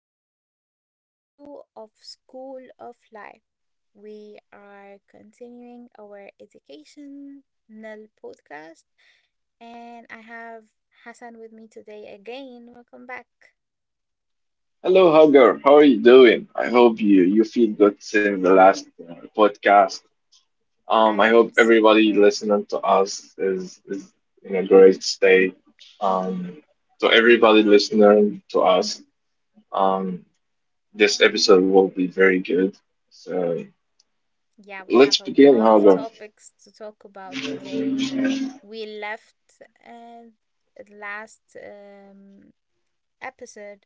is part two of School of Life. We are continuing our educational podcast, and I have Hassan with me today again. Welcome back. Hello, Hugger. How are you doing? I hope you feel good since the last podcast. I I am hope super everybody good. listening to us is in a great state. Um, so everybody listening to us, um, this episode will be very good. So Yeah, we let's have a begin, lot of Hugger. topics to talk about today. We left uh, the last episode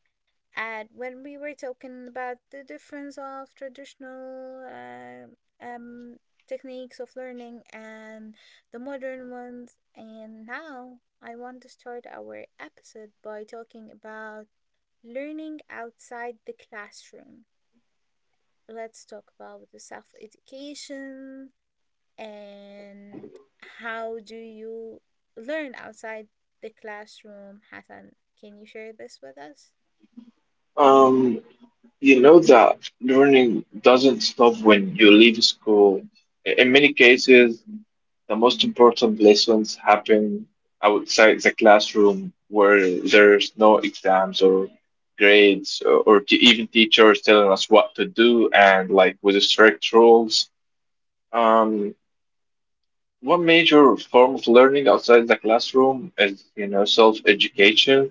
at when we were talking about the difference of traditional techniques of learning and the modern ones. And now I want to start our episode by talking about learning outside the classroom. Let's talk about the self education and how do you learn outside the classroom, Hassan? Can you share this with us? Um, you know that learning doesn't stop when you leave school. In many cases, the most important lessons happen outside the classroom where there's no exams or grades or even teachers telling us what to do and like with strict rules. Um, One major form of learning outside the classroom is, you know, self-education,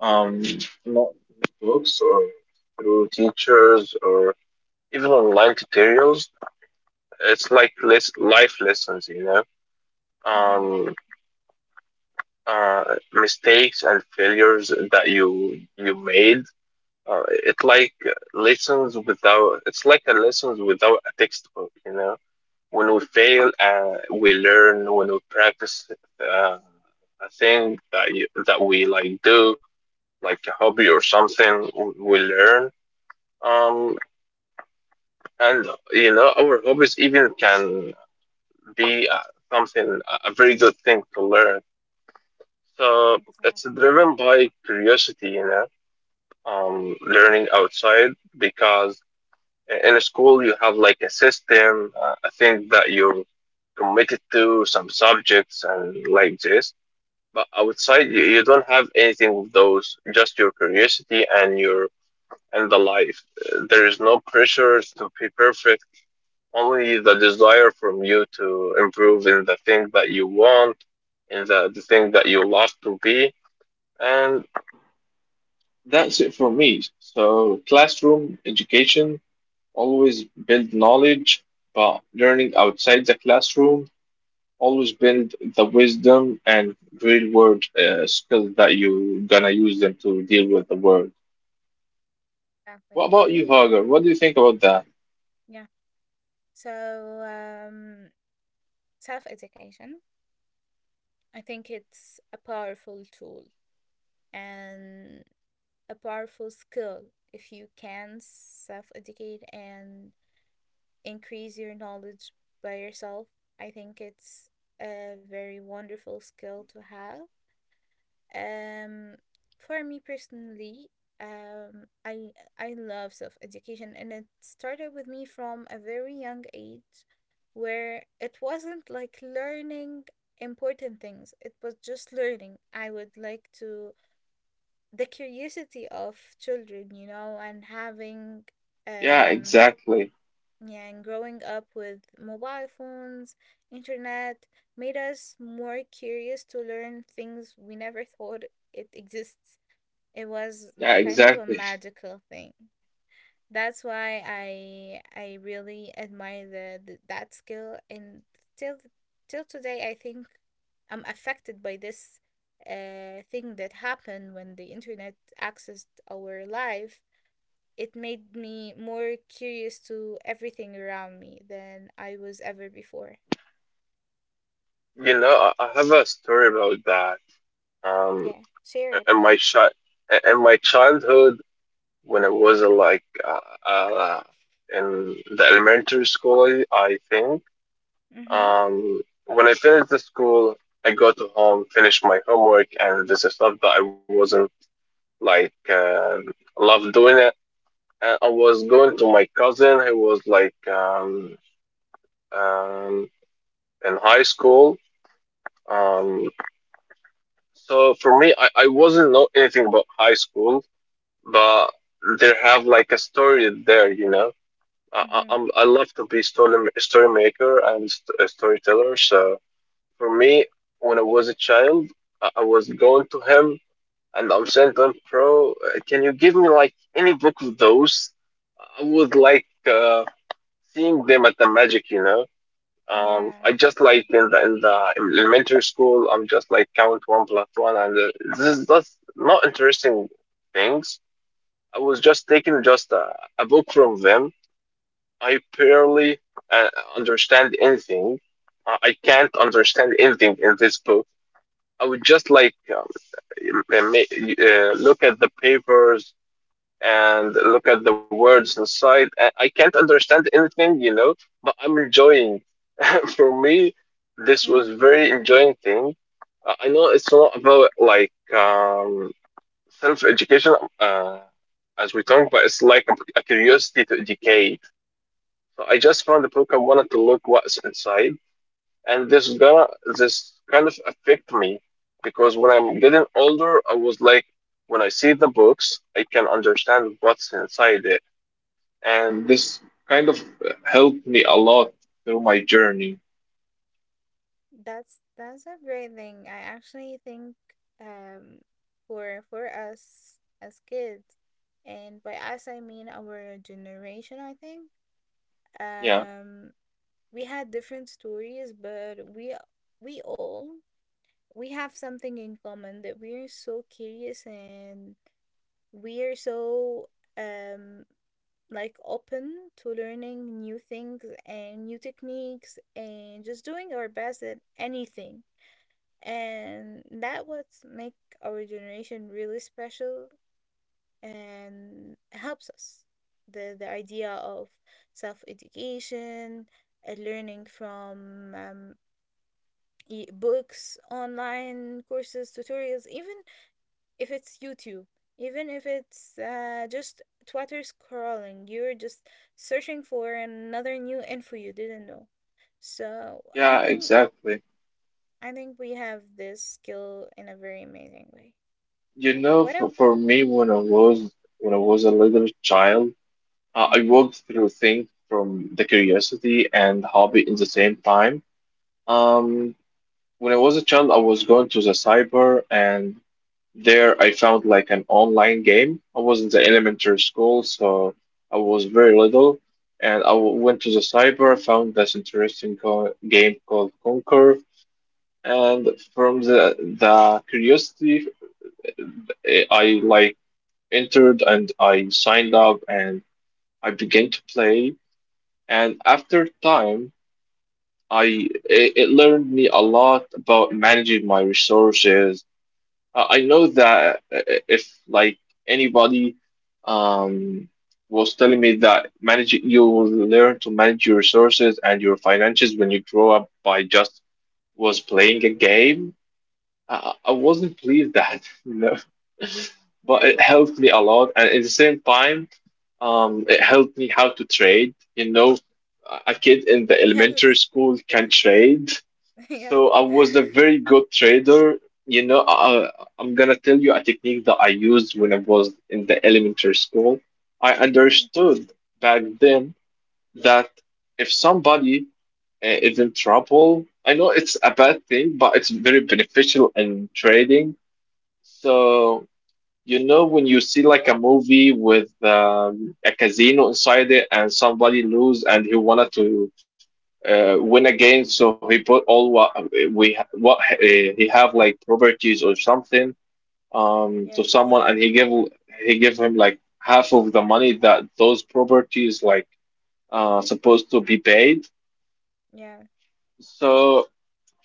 um, not books or through teachers or even online tutorials. It's like less life lessons. Mm-hmm. Um, Mistakes and failures that you made. It's like lessons without. It's like a lessons without a textbook. You know, when we fail, we learn. When we practice uh, a thing that we like do, like a hobby or something, we learn. Um, and you know, our hobbies even can be something a very good thing to learn. So it's Exactly. driven by curiosity, you know. Learning outside, because in a school you have like a system, a thing that you're committed to, some subjects and like this. But outside you don't have anything of those, just your curiosity and your and the life. There is no pressure to be perfect, only the desire from you to improve in the thing that you want, in the thing that you love to be. And that's it for me. So classroom education always build knowledge, by learning outside the classroom always build the wisdom and real world skills that you gonna use them to deal with the world. What Exactly. Let about you, me, Hagar? What do you think about that? yeah. So self-education, I think it's a powerful tool and a powerful skill if you can self-educate and increase your knowledge by yourself. I think it's a very wonderful skill to have. Um, for me personally, um, I I love self-education, and it started with me from a very young age, where it wasn't like learning important things. It was just learning. I would like to the curiosity of children, you know, and having Yeah, um exactly. yeah, and growing up with mobile phones, internet made us more curious to learn things we never thought it exists. It was Yeah, kind of a exactly. magical thing. That's why I really admire the that skill and till till today I think I'm affected by this thing that happened when the internet accessed our life. It made me more curious to everything around me than I was ever before. You know, I have a story about that. Um, Yeah, share it. in my chi- in my childhood, when I was like in the elementary school, I think. Mm-hmm. When I finish the school, I go to home, finish my homework, and this is stuff that I wasn't like love doing it. And I was going to my cousin who was like um, in high school. Um, so for me, I wasn't know anything about high school, but they have like a story there, you know. Mm-hmm. I love to be story maker and a storyteller. So for me, when I was a child, I was going to him and I'm saying to him, bro, can you give me like any book of those? I would like seeing them at the magic, you know. Yeah. I just like in the elementary school, I'm just like count one plus one, and this is that's not interesting things. I was just taking just a book from them. I barely uh, understand anything. I can't understand anything in this book. I would just like ma- look at the papers and look at the words inside. I can't understand anything, you know, but I'm enjoying. For me, this was Mm. very enjoying thing. I know it's not about like um, self education as we talk, but it's like a curiosity to educate. So I just found the book. I wanted to look what's inside, and this kind of affect me because when I'm getting older, I was like, when I see the books, I can understand what's inside it, and this kind of helped me a lot through my journey. That's a great thing. I actually think um for us as kids, and by us I mean our generation, I think. Yeah, Um we had different stories, but we all we have something in common that we're so curious and we're so um like open to learning new things and new techniques and just doing our best at anything, and that what make our generation really special and helps us the idea of self education and learning from e- books, online courses, tutorials, even if it's YouTube, even if it's just Twitter scrolling, you're just searching for another new info you didn't know. So I yeah, think exactly. I think we have this skill in a very amazing way. You know, What a for me, when I was a little child, I mm-hmm. walked through things from the curiosity and hobby in the same time. Um, When I was a child, I was going to the cyber, and there I found like an online game. I was in the elementary school, so I was very little, and I went to the cyber, found this interesting game called Conquer, and from the curiosity, I like entered and I signed up and I began to play, and after time, I it learned me a lot about managing my resources. I know that if like anybody um was telling me that manage you will learn to manage your resources and your finances when you grow up by just was playing a game, I wasn't pleased that, you know. But Yeah. it helped me a lot, and at the same time, it helped me how to trade. You know, a kid in the Yes. elementary school can trade, Yes. so I was a very good trader. You know, I'm gonna tell you a technique that I used when I was in the elementary school. I Okay. understood back then that if somebody is in trouble, I know it's a bad thing, but it's very beneficial in trading. So, you know, when you see like a movie with a casino inside it and somebody lose and he wanted to win a game. So he put all what he have like properties or something to Yes. someone, and he give him like half of the money that those properties like supposed to be paid. Yeah. So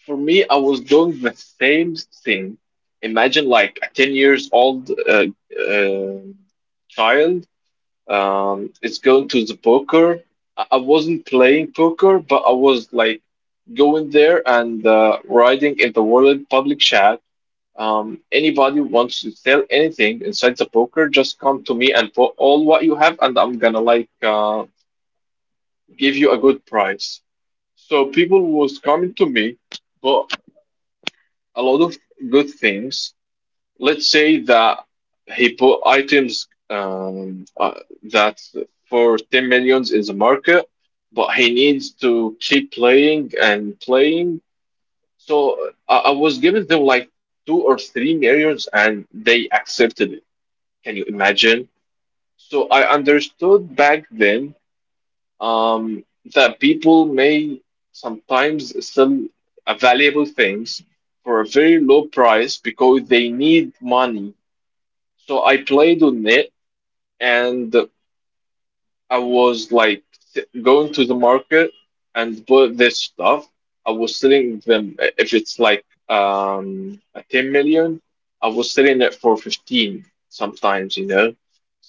for me, I was doing the same thing. Imagine like a 10 years old uh, child, it's going to the poker. I wasn't playing poker, but I was like going there and writing in the world public chat. Anybody wants to sell anything inside the poker, just come to me and put all what you have, and I'm gonna like give you a good price. So Mm-hmm. people was coming to me, but a lot of good things. Let's say that he put items that for 10 millions in the market, but he needs to keep playing and playing. So I was giving them like 2 or 3 millions and they accepted it. Can you imagine? So I Yeah. understood back then um, that people may sometimes sell valuable things for a very low price because they need money, so I played on it and I was like going to the market and bought this stuff. I was selling them if it's like a 10 million, I was selling it for 15 sometimes, you know.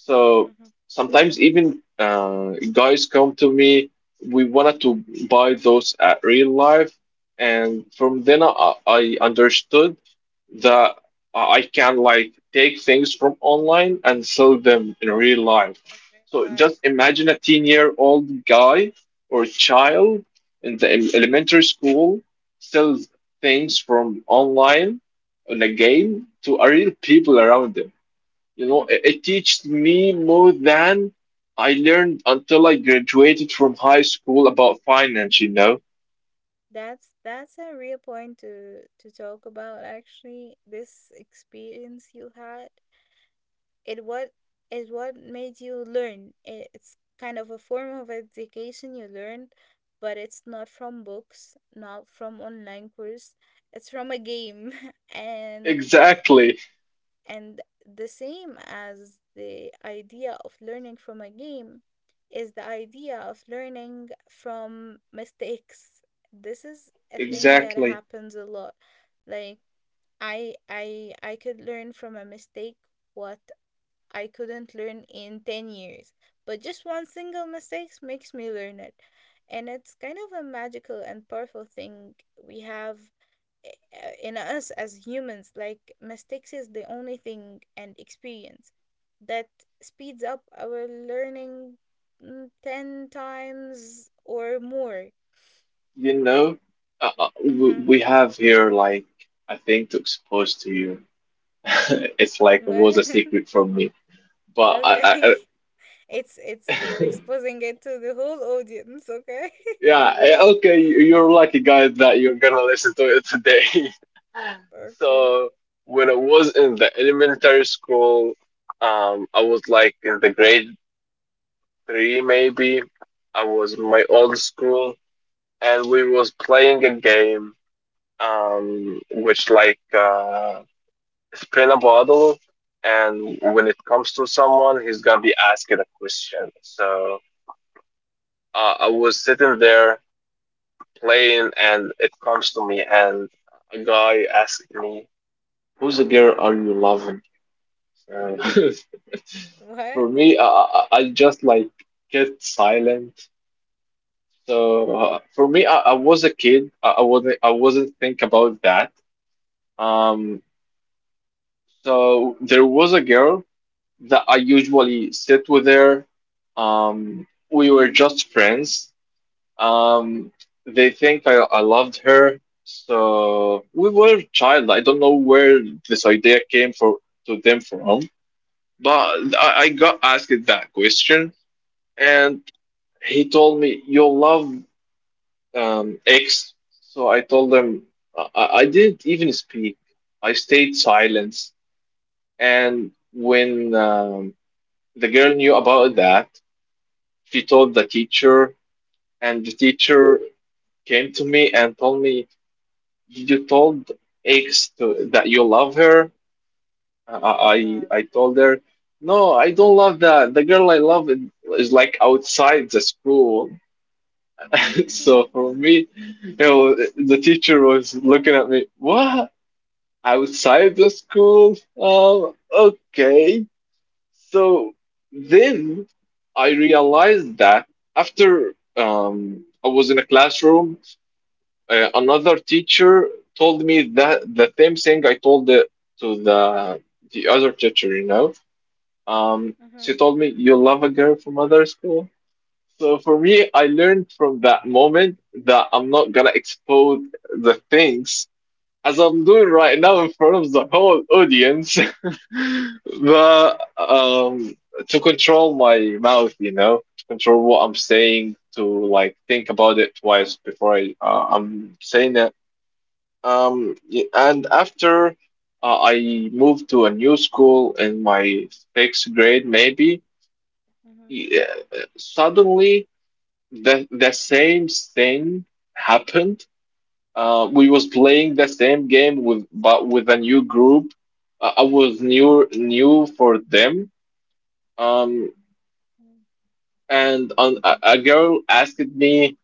So Mm-hmm. sometimes even guys come to me, we wanted to buy those at real life, and from then I understood that I can like take things from online and sell them in real life. In real So life, just yeah. imagine a 10-year-old guy or child in the elementary school sells things from online on a game to a real people around them. You know, it teaches me more than I learned until I graduated from high school about finance, you know? That's a real point to talk about, actually. This experience you had, it what it what made you learn. I- It's kind of a form of education you learn, but it's not from books, not from online course. It's from a game, and Exactly, and the same as the idea of learning from a game is the idea of learning from mistakes. This is a thing that exactly. happens a lot. Like, I could learn from a mistake what I couldn't learn in 10 years. But just one single mistake makes me learn it. And it's kind of a magical and powerful thing we have in us as humans. Like, mistakes is the only thing and experience that speeds up our learning, mm, 10 times or more. You know, Mm-hmm. we have here like a thing to expose to you. It's like it was Well, a secret for me. But okay. It's you're I- exposing it to the whole audience, okay? yeah, okay, you- you're lucky, guys, that you're gonna listen to it today. Okay. So when I was in the elementary school, I was like in the grade three maybe. I was in my old school, and we was playing a game, which like spin a bottle, and when it comes to someone, he's gonna be asking a question. So I was sitting there playing and it comes to me and a guy asked me, "Who's the girl are you loving?" So What? for me, I just like get silent. So for me, I was a kid. I wasn't think about that. Um, so there was a girl that I usually sit with her. We were just friends. Um, they think I loved her. So we were child. I don't know where this idea came for to them from, but I got asked that question, and he told me you love X. So I told them I didn't even speak. I stayed silent. And when the girl knew about that, she told the teacher, and the teacher came to me and told me you told X that you love her? Oh my I, god. I I told her, no, I don't love that. The girl I love is, like outside the school. So for me, you know, the teacher was looking at me, what? Outside the school? Oh, okay. So then I realized that after I was in a classroom. Another teacher told me that the same thing I told to the other teacher, you know. Mhm. She told me you love a girl from other school. So for me, I learned from that moment that I'm not gonna expose the things as I'm doing right now in front of the whole audience, but to control my mouth, you know, to control what I'm saying, to like think about it twice before I'm saying it. And after I moved to a new school in my sixth grade, maybe. Mhm. Yeah, suddenly the same thing happened. We was playing the same game with but with a new group. I was new for them. Um, Mhm. and on, a girl asked me,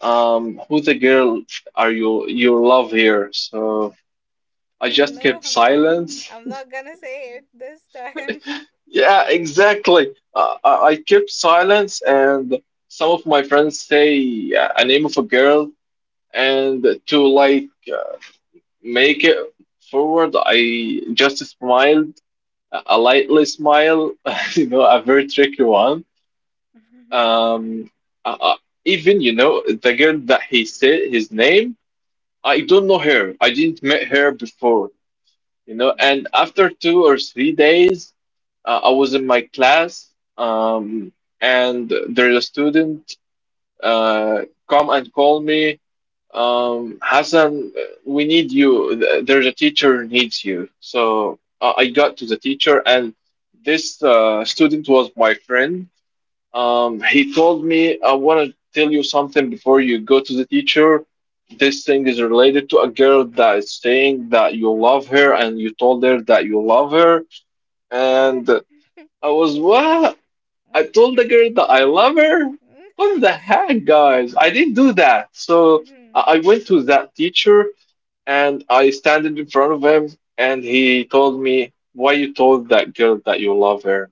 who the girl are you love here? So I just No, kept silence. I'm not gonna say it this time. Yeah, exactly. I kept silence, and some of my friends say a name of a girl, and to like make it forward, I just smiled, a lightly smile, a very tricky one. Um, uh, uh, Even you know the girl that he said his name, I don't know her. I didn't meet her before. And Mm. after 2 or 3 days. I was in my class, um, and there's a student uh, come and call me, Hassan, we need you. There's a teacher needs you. So I got to the teacher, and this student was my friend. He told me, I want to tell you something before you go to the teacher. This thing is related to a girl that is saying that you love her, and you told her that you love her, and Ah. I was what? I told the girl that I love her. What the heck, guys? I didn't do that. So I Mhm. went to that teacher and I standed in front of him and he told me, why you told that girl that you love her?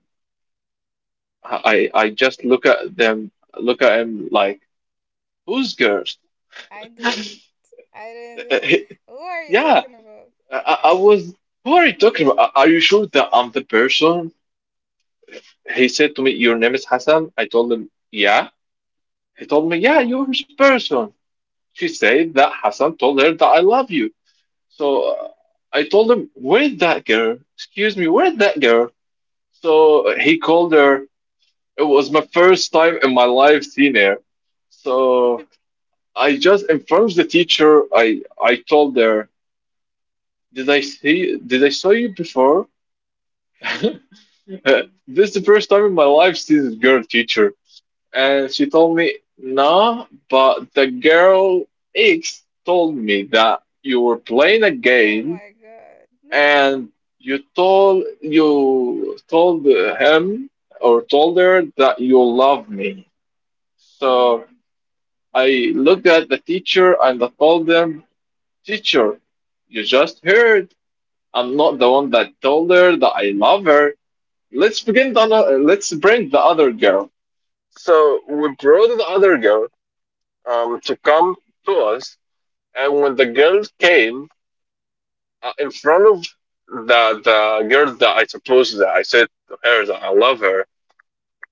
I, I I just look at them, look at him like, whose girl? I didn't. I didn't. Who are you Yeah, talking I was, who are you talking about? Are you sure that I'm the person? He said to me, your name is Hassan? I told him, yeah. He told me, yeah, you're his person. She said that Hassan told her that I love you. So about? I told him, where's that girl? Excuse me, where's that girl? So he called her. It was my first time in my life seeing her. So I just informed the teacher. I told her, did I see? Did I saw you before? This is the first time in my life seeing this girl teacher, and she told me, no, but the girl X told me that you were playing a Oh game my God. and you told him or told her that you love me. So Mm. I looked at the teacher and I told them, teacher, you just heard. I'm not the one that told her that I love her. Let's bring the other girl. So we brought the other girl to come to us, and when the girl came, in front of the girl that I supposed that I said to her that I love her.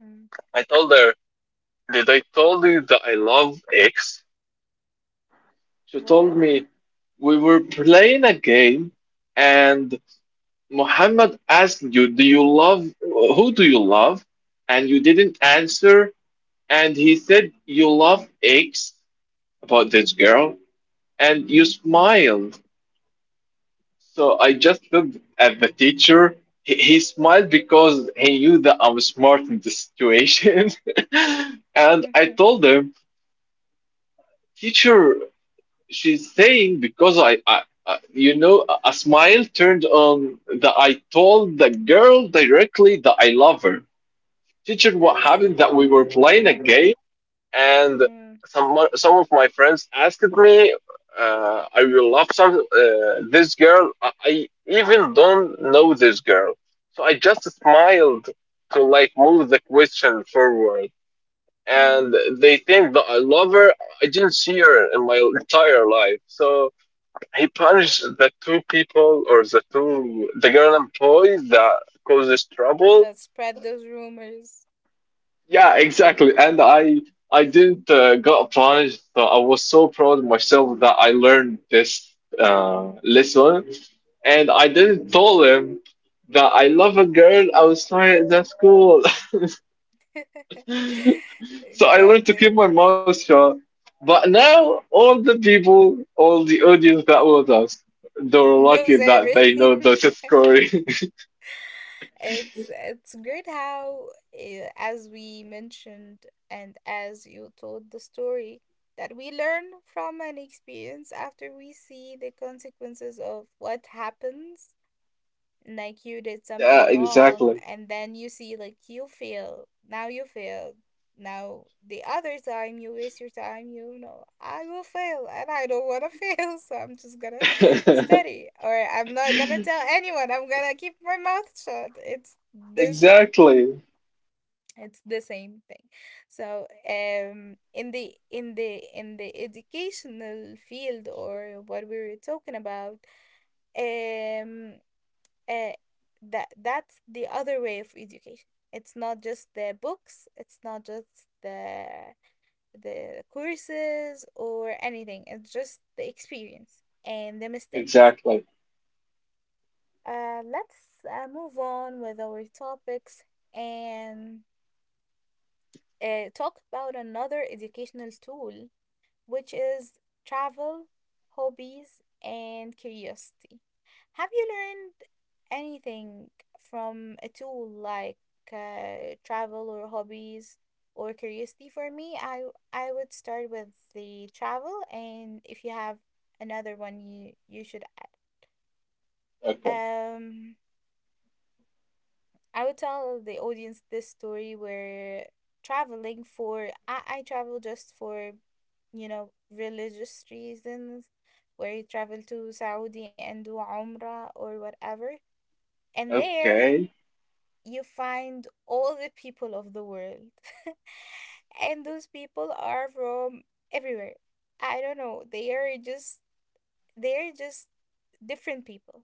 Mm. I told her, "Did I told you that I love X?" She told What? me, "We were playing a game, and Muhammad asked you, do you love who do you love?' And you didn't answer, and he said you love X about this girl, and you smiled." So I just looked at the teacher. He smiled because he knew that I was smart in this situation. And I Mhm. told him, teacher, she's saying because I a smile turned on that I told the girl directly that I love her. Teacher, what That's happened that we were playing a game and mm, some of my friends asked me I will love some this girl. I even don't know this girl, so I just smiled to like move the question forward. And mm. they think that I love her. I didn't see her in my entire life. So he punished the two people or the girl and boy that causes trouble. That spread those rumors. Yeah, exactly. And I didn't got plunged, so I was so proud of myself that I learned this lesson. And I didn't tell him that I love a girl outside the school. So I learned to keep Exactly. my mouth shut. But now all the people, all the audience that was us, they were lucky Knows that they everything. know this story. It's great how, eh, as we mentioned and as you told the story, that we learn from an experience after we see the consequences of what happens. Like, you did Yeah, something wrong exactly. and then you see like you fail. Now you failed, now the other time you waste your time. You know, I will fail and I don't want to fail, so I'm just gonna study, or I'm not gonna tell anyone, I'm gonna keep my mouth shut. It's this Exactly. it's the same thing. So in the in the in the educational field, or what we were talking about um uh, that that's the other way of education. It's not just the books, it's not just the courses or anything. It's just the experience and the mistakes. Exactly. Let's move on with our topics and talk about another educational tool, which is travel, hobbies, and curiosity. Have you learned anything from a tool like travel or hobbies or curiosity? For me, I would start with the travel, and if you have another one, you should Okay. add. I would tell the audience this story where traveling for I travel just for you know religious reasons where you travel to Saudi and do Umrah or whatever, and there Okay. you find all the people of the world. And those people are from everywhere. I don't know, they are just different people.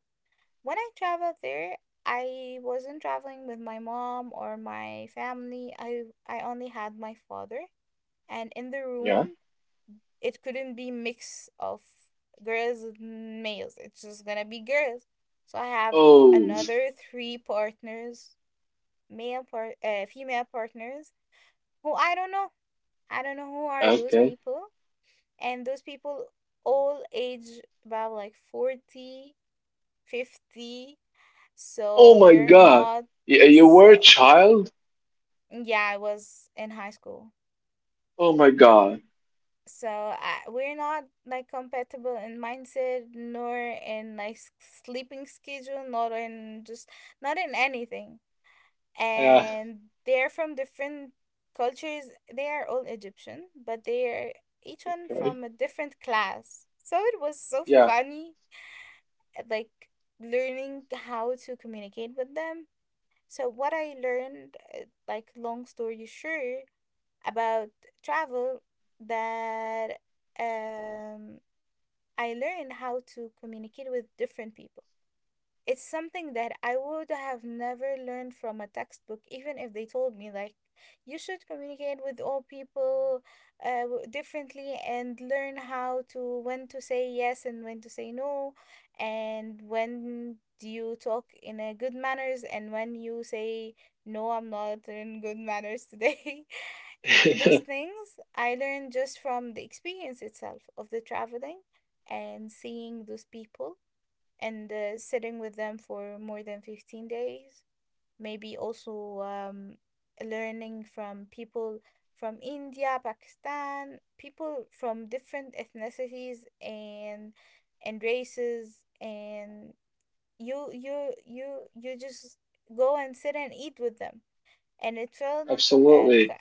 When I traveled there, I wasn't traveling with my mom or my family. I only had my father, and in the Yeah. room, it couldn't be mix of girls and males. It's just gonna be girls. So I have Oh, another three partners, female partners who I don't know. I don't know who are those okay. people, and those people all age about like 40, 50. Oh So my we're God. not You were a so child? yeah, I was in high school. Oh my God. So we're not like compatible in mindset nor in like sleeping schedule, not in just not in anything. Yeah. And they're from different cultures. They are all Egyptian, but they're each one Okay. from a different class. So it was so Yeah. funny like learning how to communicate with them. So what I learned, like long story short, about travel, that um, I learned how to communicate with different people. It's something that I would have never learned from a textbook, even if they told me like, you should communicate with all people differently, and learn how to when to say yes and when to say no, and when do you talk in a good manners and when you say no, I'm not in good manners today. Those things I learned just from the experience itself of the traveling and seeing those people and sitting with them for more than 15 days. Maybe also learning from people from India, Pakistan, people from different ethnicities and races, and you just go and sit and eat with them, and it felt uh, ki- Absolutely.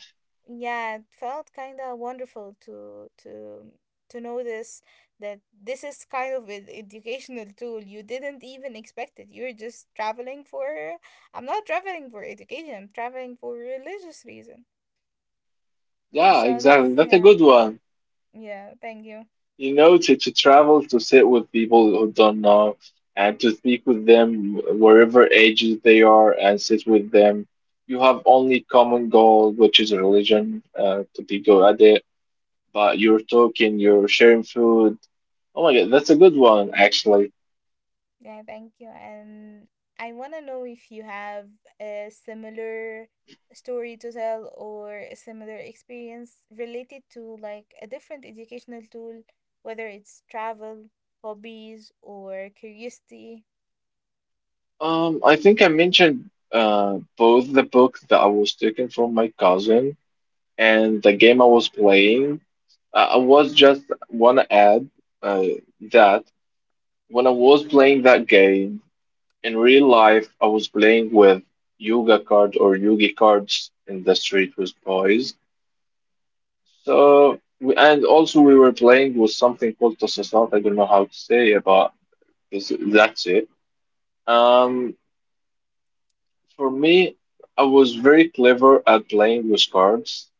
yeah, it felt kind of wonderful to know this, that this is kind of an educational tool you didn't even expect it. You're just traveling for I'm not traveling for education, I'm traveling for religious reason. Yeah, So that's exactly. That's a yeah, good one. yeah, thank you. You know, to travel, to sit with people who don't know, and to speak with them wherever ages they are, and sit with them. You have only common goal, which is religion, to be good at it. But you're talking, you're sharing food. Oh my God, that's a good one, actually. Yeah, thank you. And I want to know if you have a similar story to tell or a similar experience related to like a different educational tool, whether it's travel, hobbies, or curiosity. I think I mentioned both the book that I was taken from my cousin and the game I was playing. I was just wanna add uh, that when I was playing that game in real life, I was playing with Yuga card or Yugi cards in the street with boys. And also we were playing with something called Tasasat. I don't know how to say it, but this, that's it. Um, For me, I was very clever at playing with cards,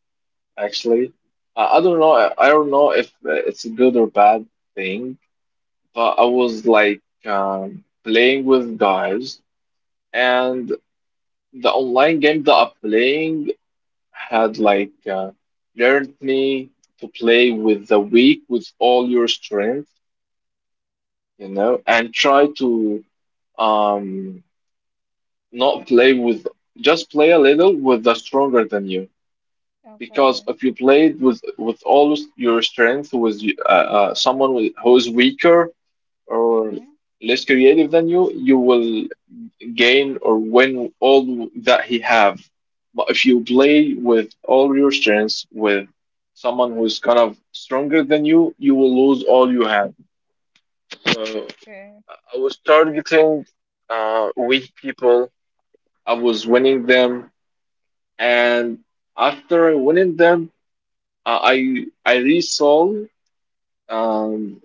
actually. I don't know, don't know if it's a good or bad thing, but I was like playing with guys, and the online game that I'm playing had like learned me to play with the weak with all your strength, you know, and try to um not play with just play a little with the stronger than you because Okay. if you played with all your strength with someone who is weaker or Mm-hmm. less creative than you will gain or win all that he have, but if you play with all your strengths with someone who's kind of stronger than you will lose all you have. So Okay. I was targeting weak people. I was winning them, and after winning them I resaw um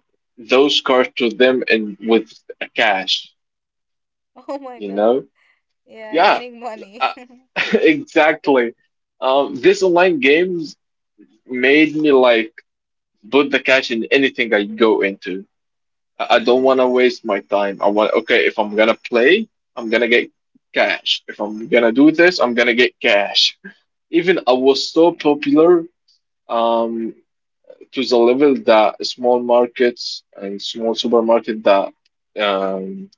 those cards to them and with cash Oh my you God. know Yeah, yeah. gaining money. uh, exactly. This online games made me like put the cash in anything I go into. I don't Mm-hmm. want to waste my time. I want okay if I'm gonna play I'm gonna get cash, if I'm gonna do this I'm gonna get cash. Even I was so popular um to the level that small markets and small supermarket that um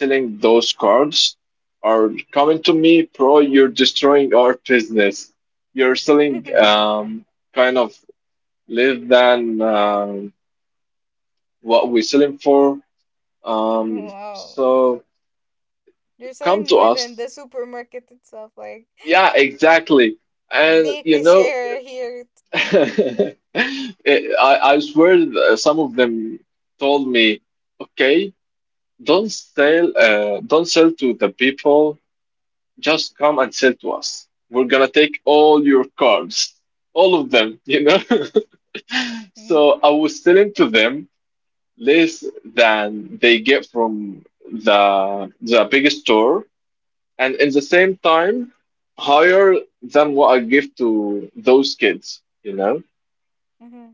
selling those cards are coming to me, bro, you're destroying our business. You're selling Mm. Kind of less than what we're selling for. Wow. So You're come selling to more than us. the supermarket itself, like Yeah, exactly. And big you know, share here. it, I swear that some of them told me, okay, don't sell to the people, just come and sell to us. We're gonna take all your cards, all of them. So Mm. I was selling to them less than they get from the big store, and in the same time, higher than what I give to those kids. Mm-hmm.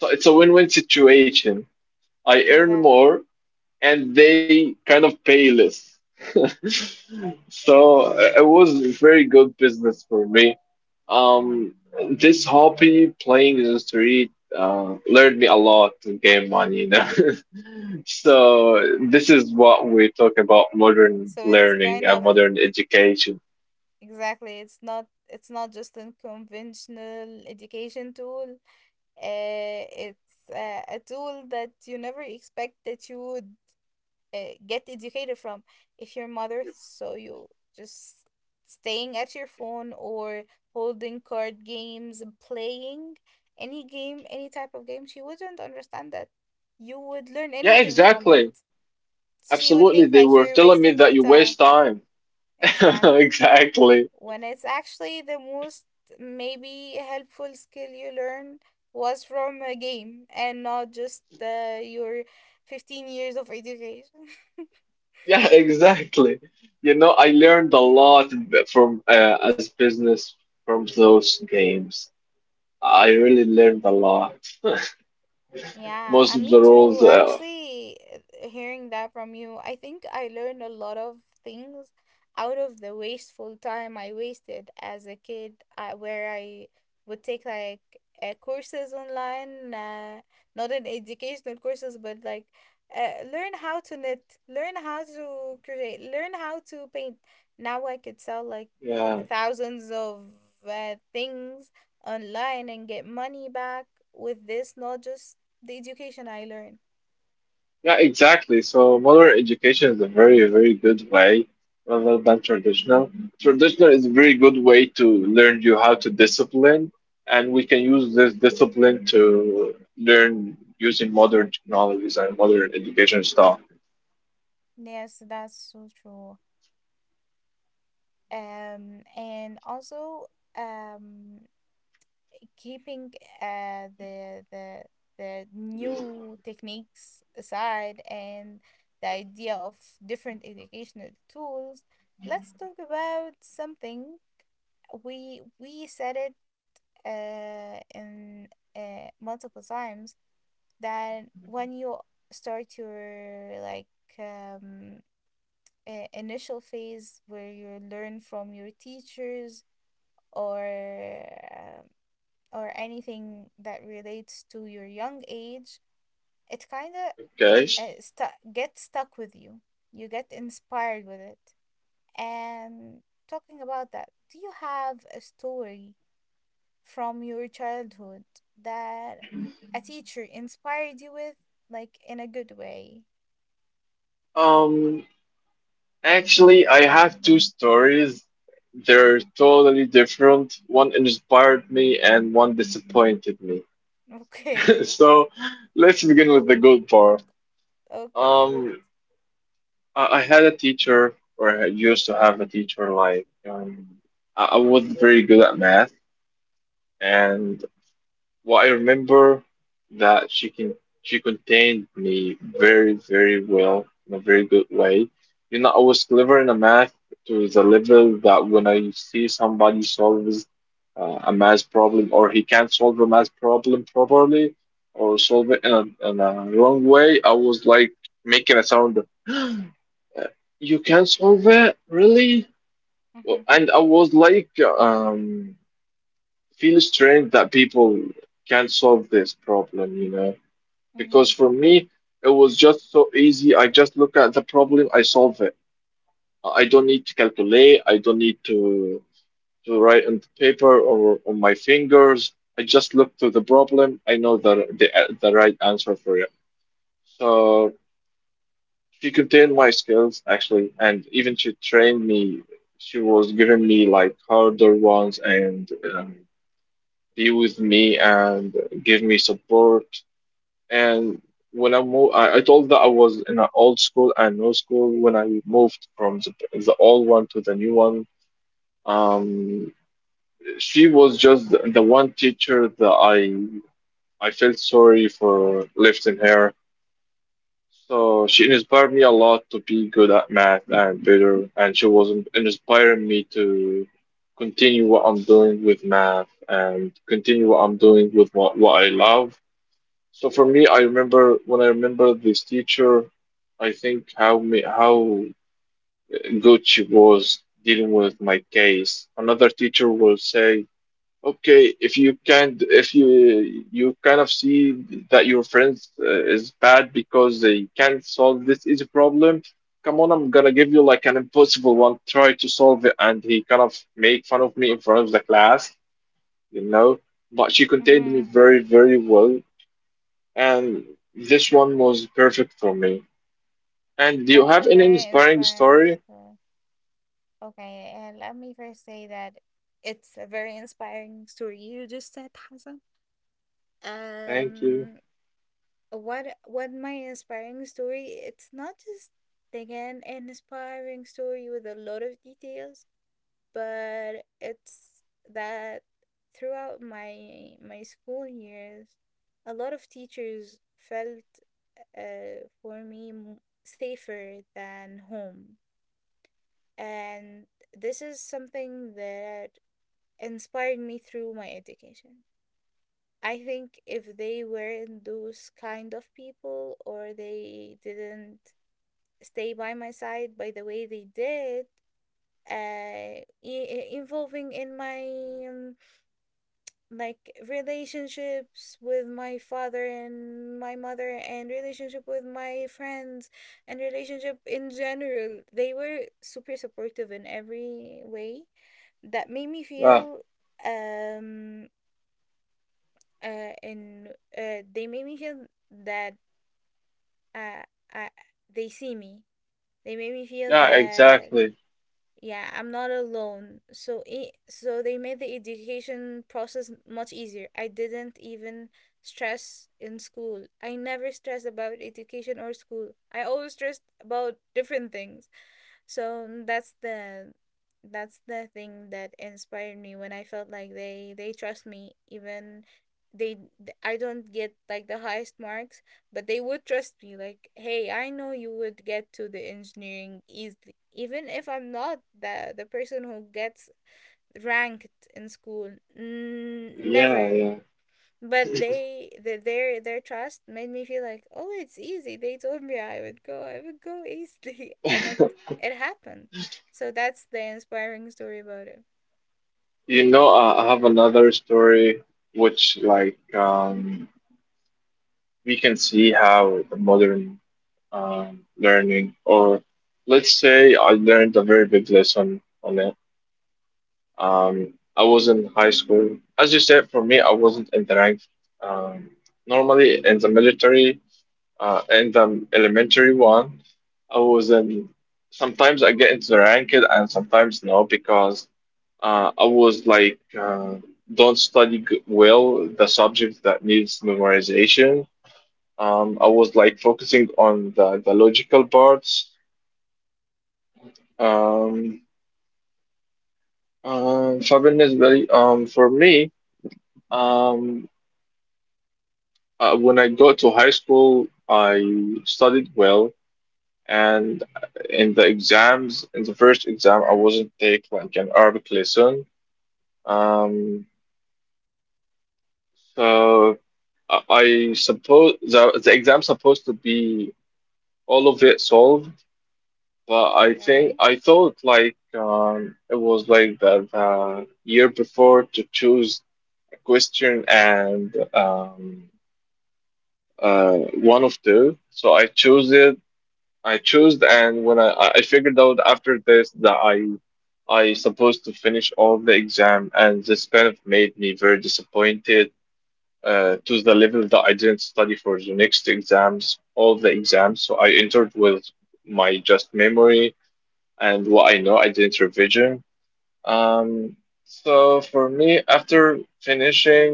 So it's a win-win situation. I earn Exactly. more and they kind of pay less. So it was very good business for me. Um, this hobby, playing in the street, learned me a lot to gain money. So this is what we talk about modern So it's learning kind and of modern education. exactly. It's not. It's not just a conventional education tool. Uh, it's a tool that you never expect that you would get educated from. If your mother saw you just staying at your phone, or holding card games and playing any game, any type of game, she wouldn't understand that you would learn Yeah, anything from it. exactly. She Absolutely. would They think were like you're telling me wasting that you your waste time. time. Exact. Exactly. When it's actually the most maybe helpful skill you learn was from a game and not just your 15 years of education. Yeah, exactly. You know, I learned a lot from as business from those games. I really learned a lot. Yeah, Most and of me the rules, too. Actually, hearing that from you, I think I learned a lot of things out of the wasteful time I wasted as a kid, where I would take like courses online, not in educational courses, but like learn how to knit, learn how to create, learn how to paint. Now I could sell like yeah, thousands of things online and get money back with this knowledge the education I learned. yeah, exactly. So modern education is a very, very good way rather than traditional. Traditional is a very good way to learn you how to discipline, and we can use this discipline to learn using modern technologies and modern education stuff. Yes, that's so true. And also, um, keeping uh the the the new techniques aside and the idea of different educational tools, let's talk about something we said it in multiple times, that when you start your like um initial phase where you learn from your teachers or um, or anything that relates to your young age, it kind of Okay. Gets stuck with you, you get inspired with it. And talking about that, do you have a story from your childhood that a teacher inspired you with, like in a good way? Um, Actually, I have two stories. They're totally different. One inspired me and one disappointed me. Okay. So let's begin with the good part. Okay, that- Um, I had a teacher, or I used to have a teacher, like, I was very good at math, and. Well, I remember that she contained me very, very well in a very good way. You know, I was clever in a math to the level that when I see somebody solves a math problem or he can't solve a math problem properly or solve it in a wrong way, I was like making a sound of, You can't solve it, really? Well, Mhm. And I was like, feel strange that people can solve this problem, you know? Because Mhm. for me, it was just so easy. I just look at the problem, I solve it. I don't need to calculate, I don't need to write on the paper or on my fingers. I just look to the problem, I know the right answer for it. So she contained my skills actually, and even she trained me. She was giving me like harder ones and be with me and give me support. And when I moved, I told that I was in an old school and no school. When I moved from the old one to the new one, um, she was just the one teacher that I felt sorry for lifting her. So she inspired me a lot to be good at math and better, and she was inspiring me to continue what I'm doing with math and continue what I'm doing with what I love. So for me, I remember when I remember this teacher, I think how me, how good she was dealing with my case. Another teacher will say, "Okay, if you can't, if you you kind of see that your friend is bad because they can't solve this easy problem, come on, I'm gonna give you like an impossible one. Try to solve it." And he kind of made fun of me in front of the class, you know. But she contained me Mhm. very, very well and this one was perfect for me. And do you That's a have any very inspiring inspiring story? story. Okay, and let me first say that it's a very inspiring story you just said, Hassan. Thank you. Um, what my inspiring story? It's not just again an inspiring story with a lot of details, but it's that throughout my school years, a lot of teachers felt for me safer than home, and this is something that inspired me through my education. I think if they weren't those kind of people, or they didn't stay by my side by the way they did, uh, i- involving in my um, like relationships with my father and my mother, and relationship with my friends, and relationship in general, they were super supportive in every way that made me Yeah, feel um and they made me feel that uh I, they see me, they made me feel yeah, that exactly. yeah, I'm not alone. So it, so they made the education process much easier. I didn't even stress in school. I never stressed about education or school. I always stressed about different things. So mm, that's the thing that inspired me. When I felt like they trust me, even they I don't get like the highest marks, but they would trust me like, "Hey, I know you would get to the engineering easily, even if I'm not the the person who gets ranked in school." N- Yeah, never. yeah. But they the their trust made me feel like, "Oh, it's easy." They told me I would go. I would go easily, and it it happened. So that's the inspiring story about it. You know, I have another story which, like, we can see how the modern learning, or let's say I learned a very big lesson on it. I was in high school. As you said, for me, I wasn't in the ranks. Um, normally in the military, in the elementary one, I was in, sometimes I get into the ranked and sometimes no because I was like don't study well the subject that needs memorization. I was like focusing on the logical parts. Um, فبالنسبة لي- for me, um, when I got to high school, I studied well, and Mhm. in the exams, in the first exam, I wasn't take like an Arabic lesson. um so I suppose the exam supposed to be all of it solved, but Okay. I thought like it was like the year before to choose a question and uh one of two, so I chose it. I chose, and when I figured out after this that I supposed to finish all the exam, and this kind of made me very disappointed, to the level that I didn't study for the next exams, all the exams. So I entered with my just memory and what I know. I didn't revision. Um, so for me, after finishing,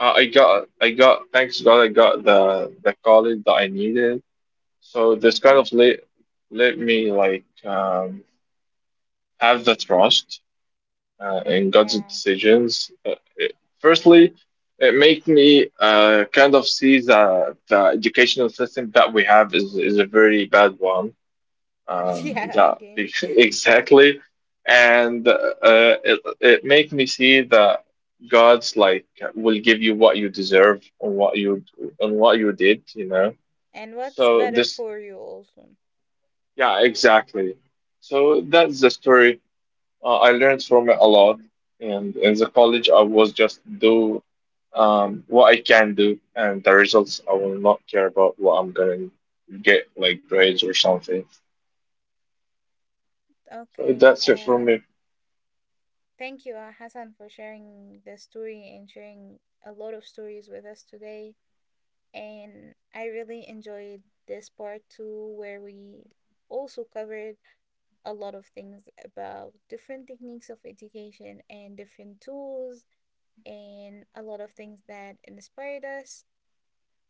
I got thanks God I got the college that I needed, so this kind Mhm. of let let me like have the trust in God's Yeah. decisions. Firstly, it make me kind of see that the educational system that we have is a very bad one. Yeah, That again. exactly, and it it make me see that God's like will give you what you deserve on what you did, you know. And what's So better this. for you also? Yeah, exactly. So that's the story. I learned from it a lot, and in the college, I was just do what I can do, and the results I will not care about what I'm gonna get like grades or something. So Okay. that's it for me. Thank you, Hassan, for sharing the story and sharing a lot of stories with us today. And I really enjoyed this part too, where we also covered a lot of things about different techniques of education and different tools, and a lot of things that inspired us.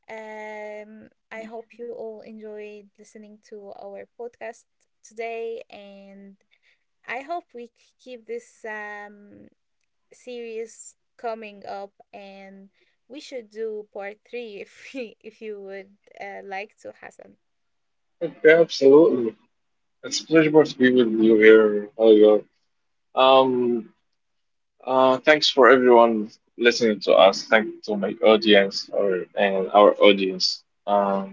I hope you all enjoyed listening to our podcast today, and I hope we keep this series coming up, and we should do part three if we, if you would like to, Hassan. Okay, absolutely. It's a pleasure to be with you here, Holger. Um, thanks for everyone listening to us. Thank to my audience or and our audience.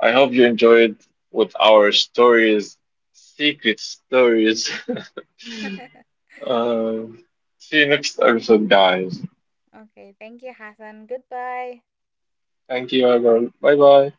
I hope you enjoyed with our stories, secret stories. um, see you next episode, guys. Okay, thank you, Hassan. Goodbye. Thank you, everyone. Bye bye.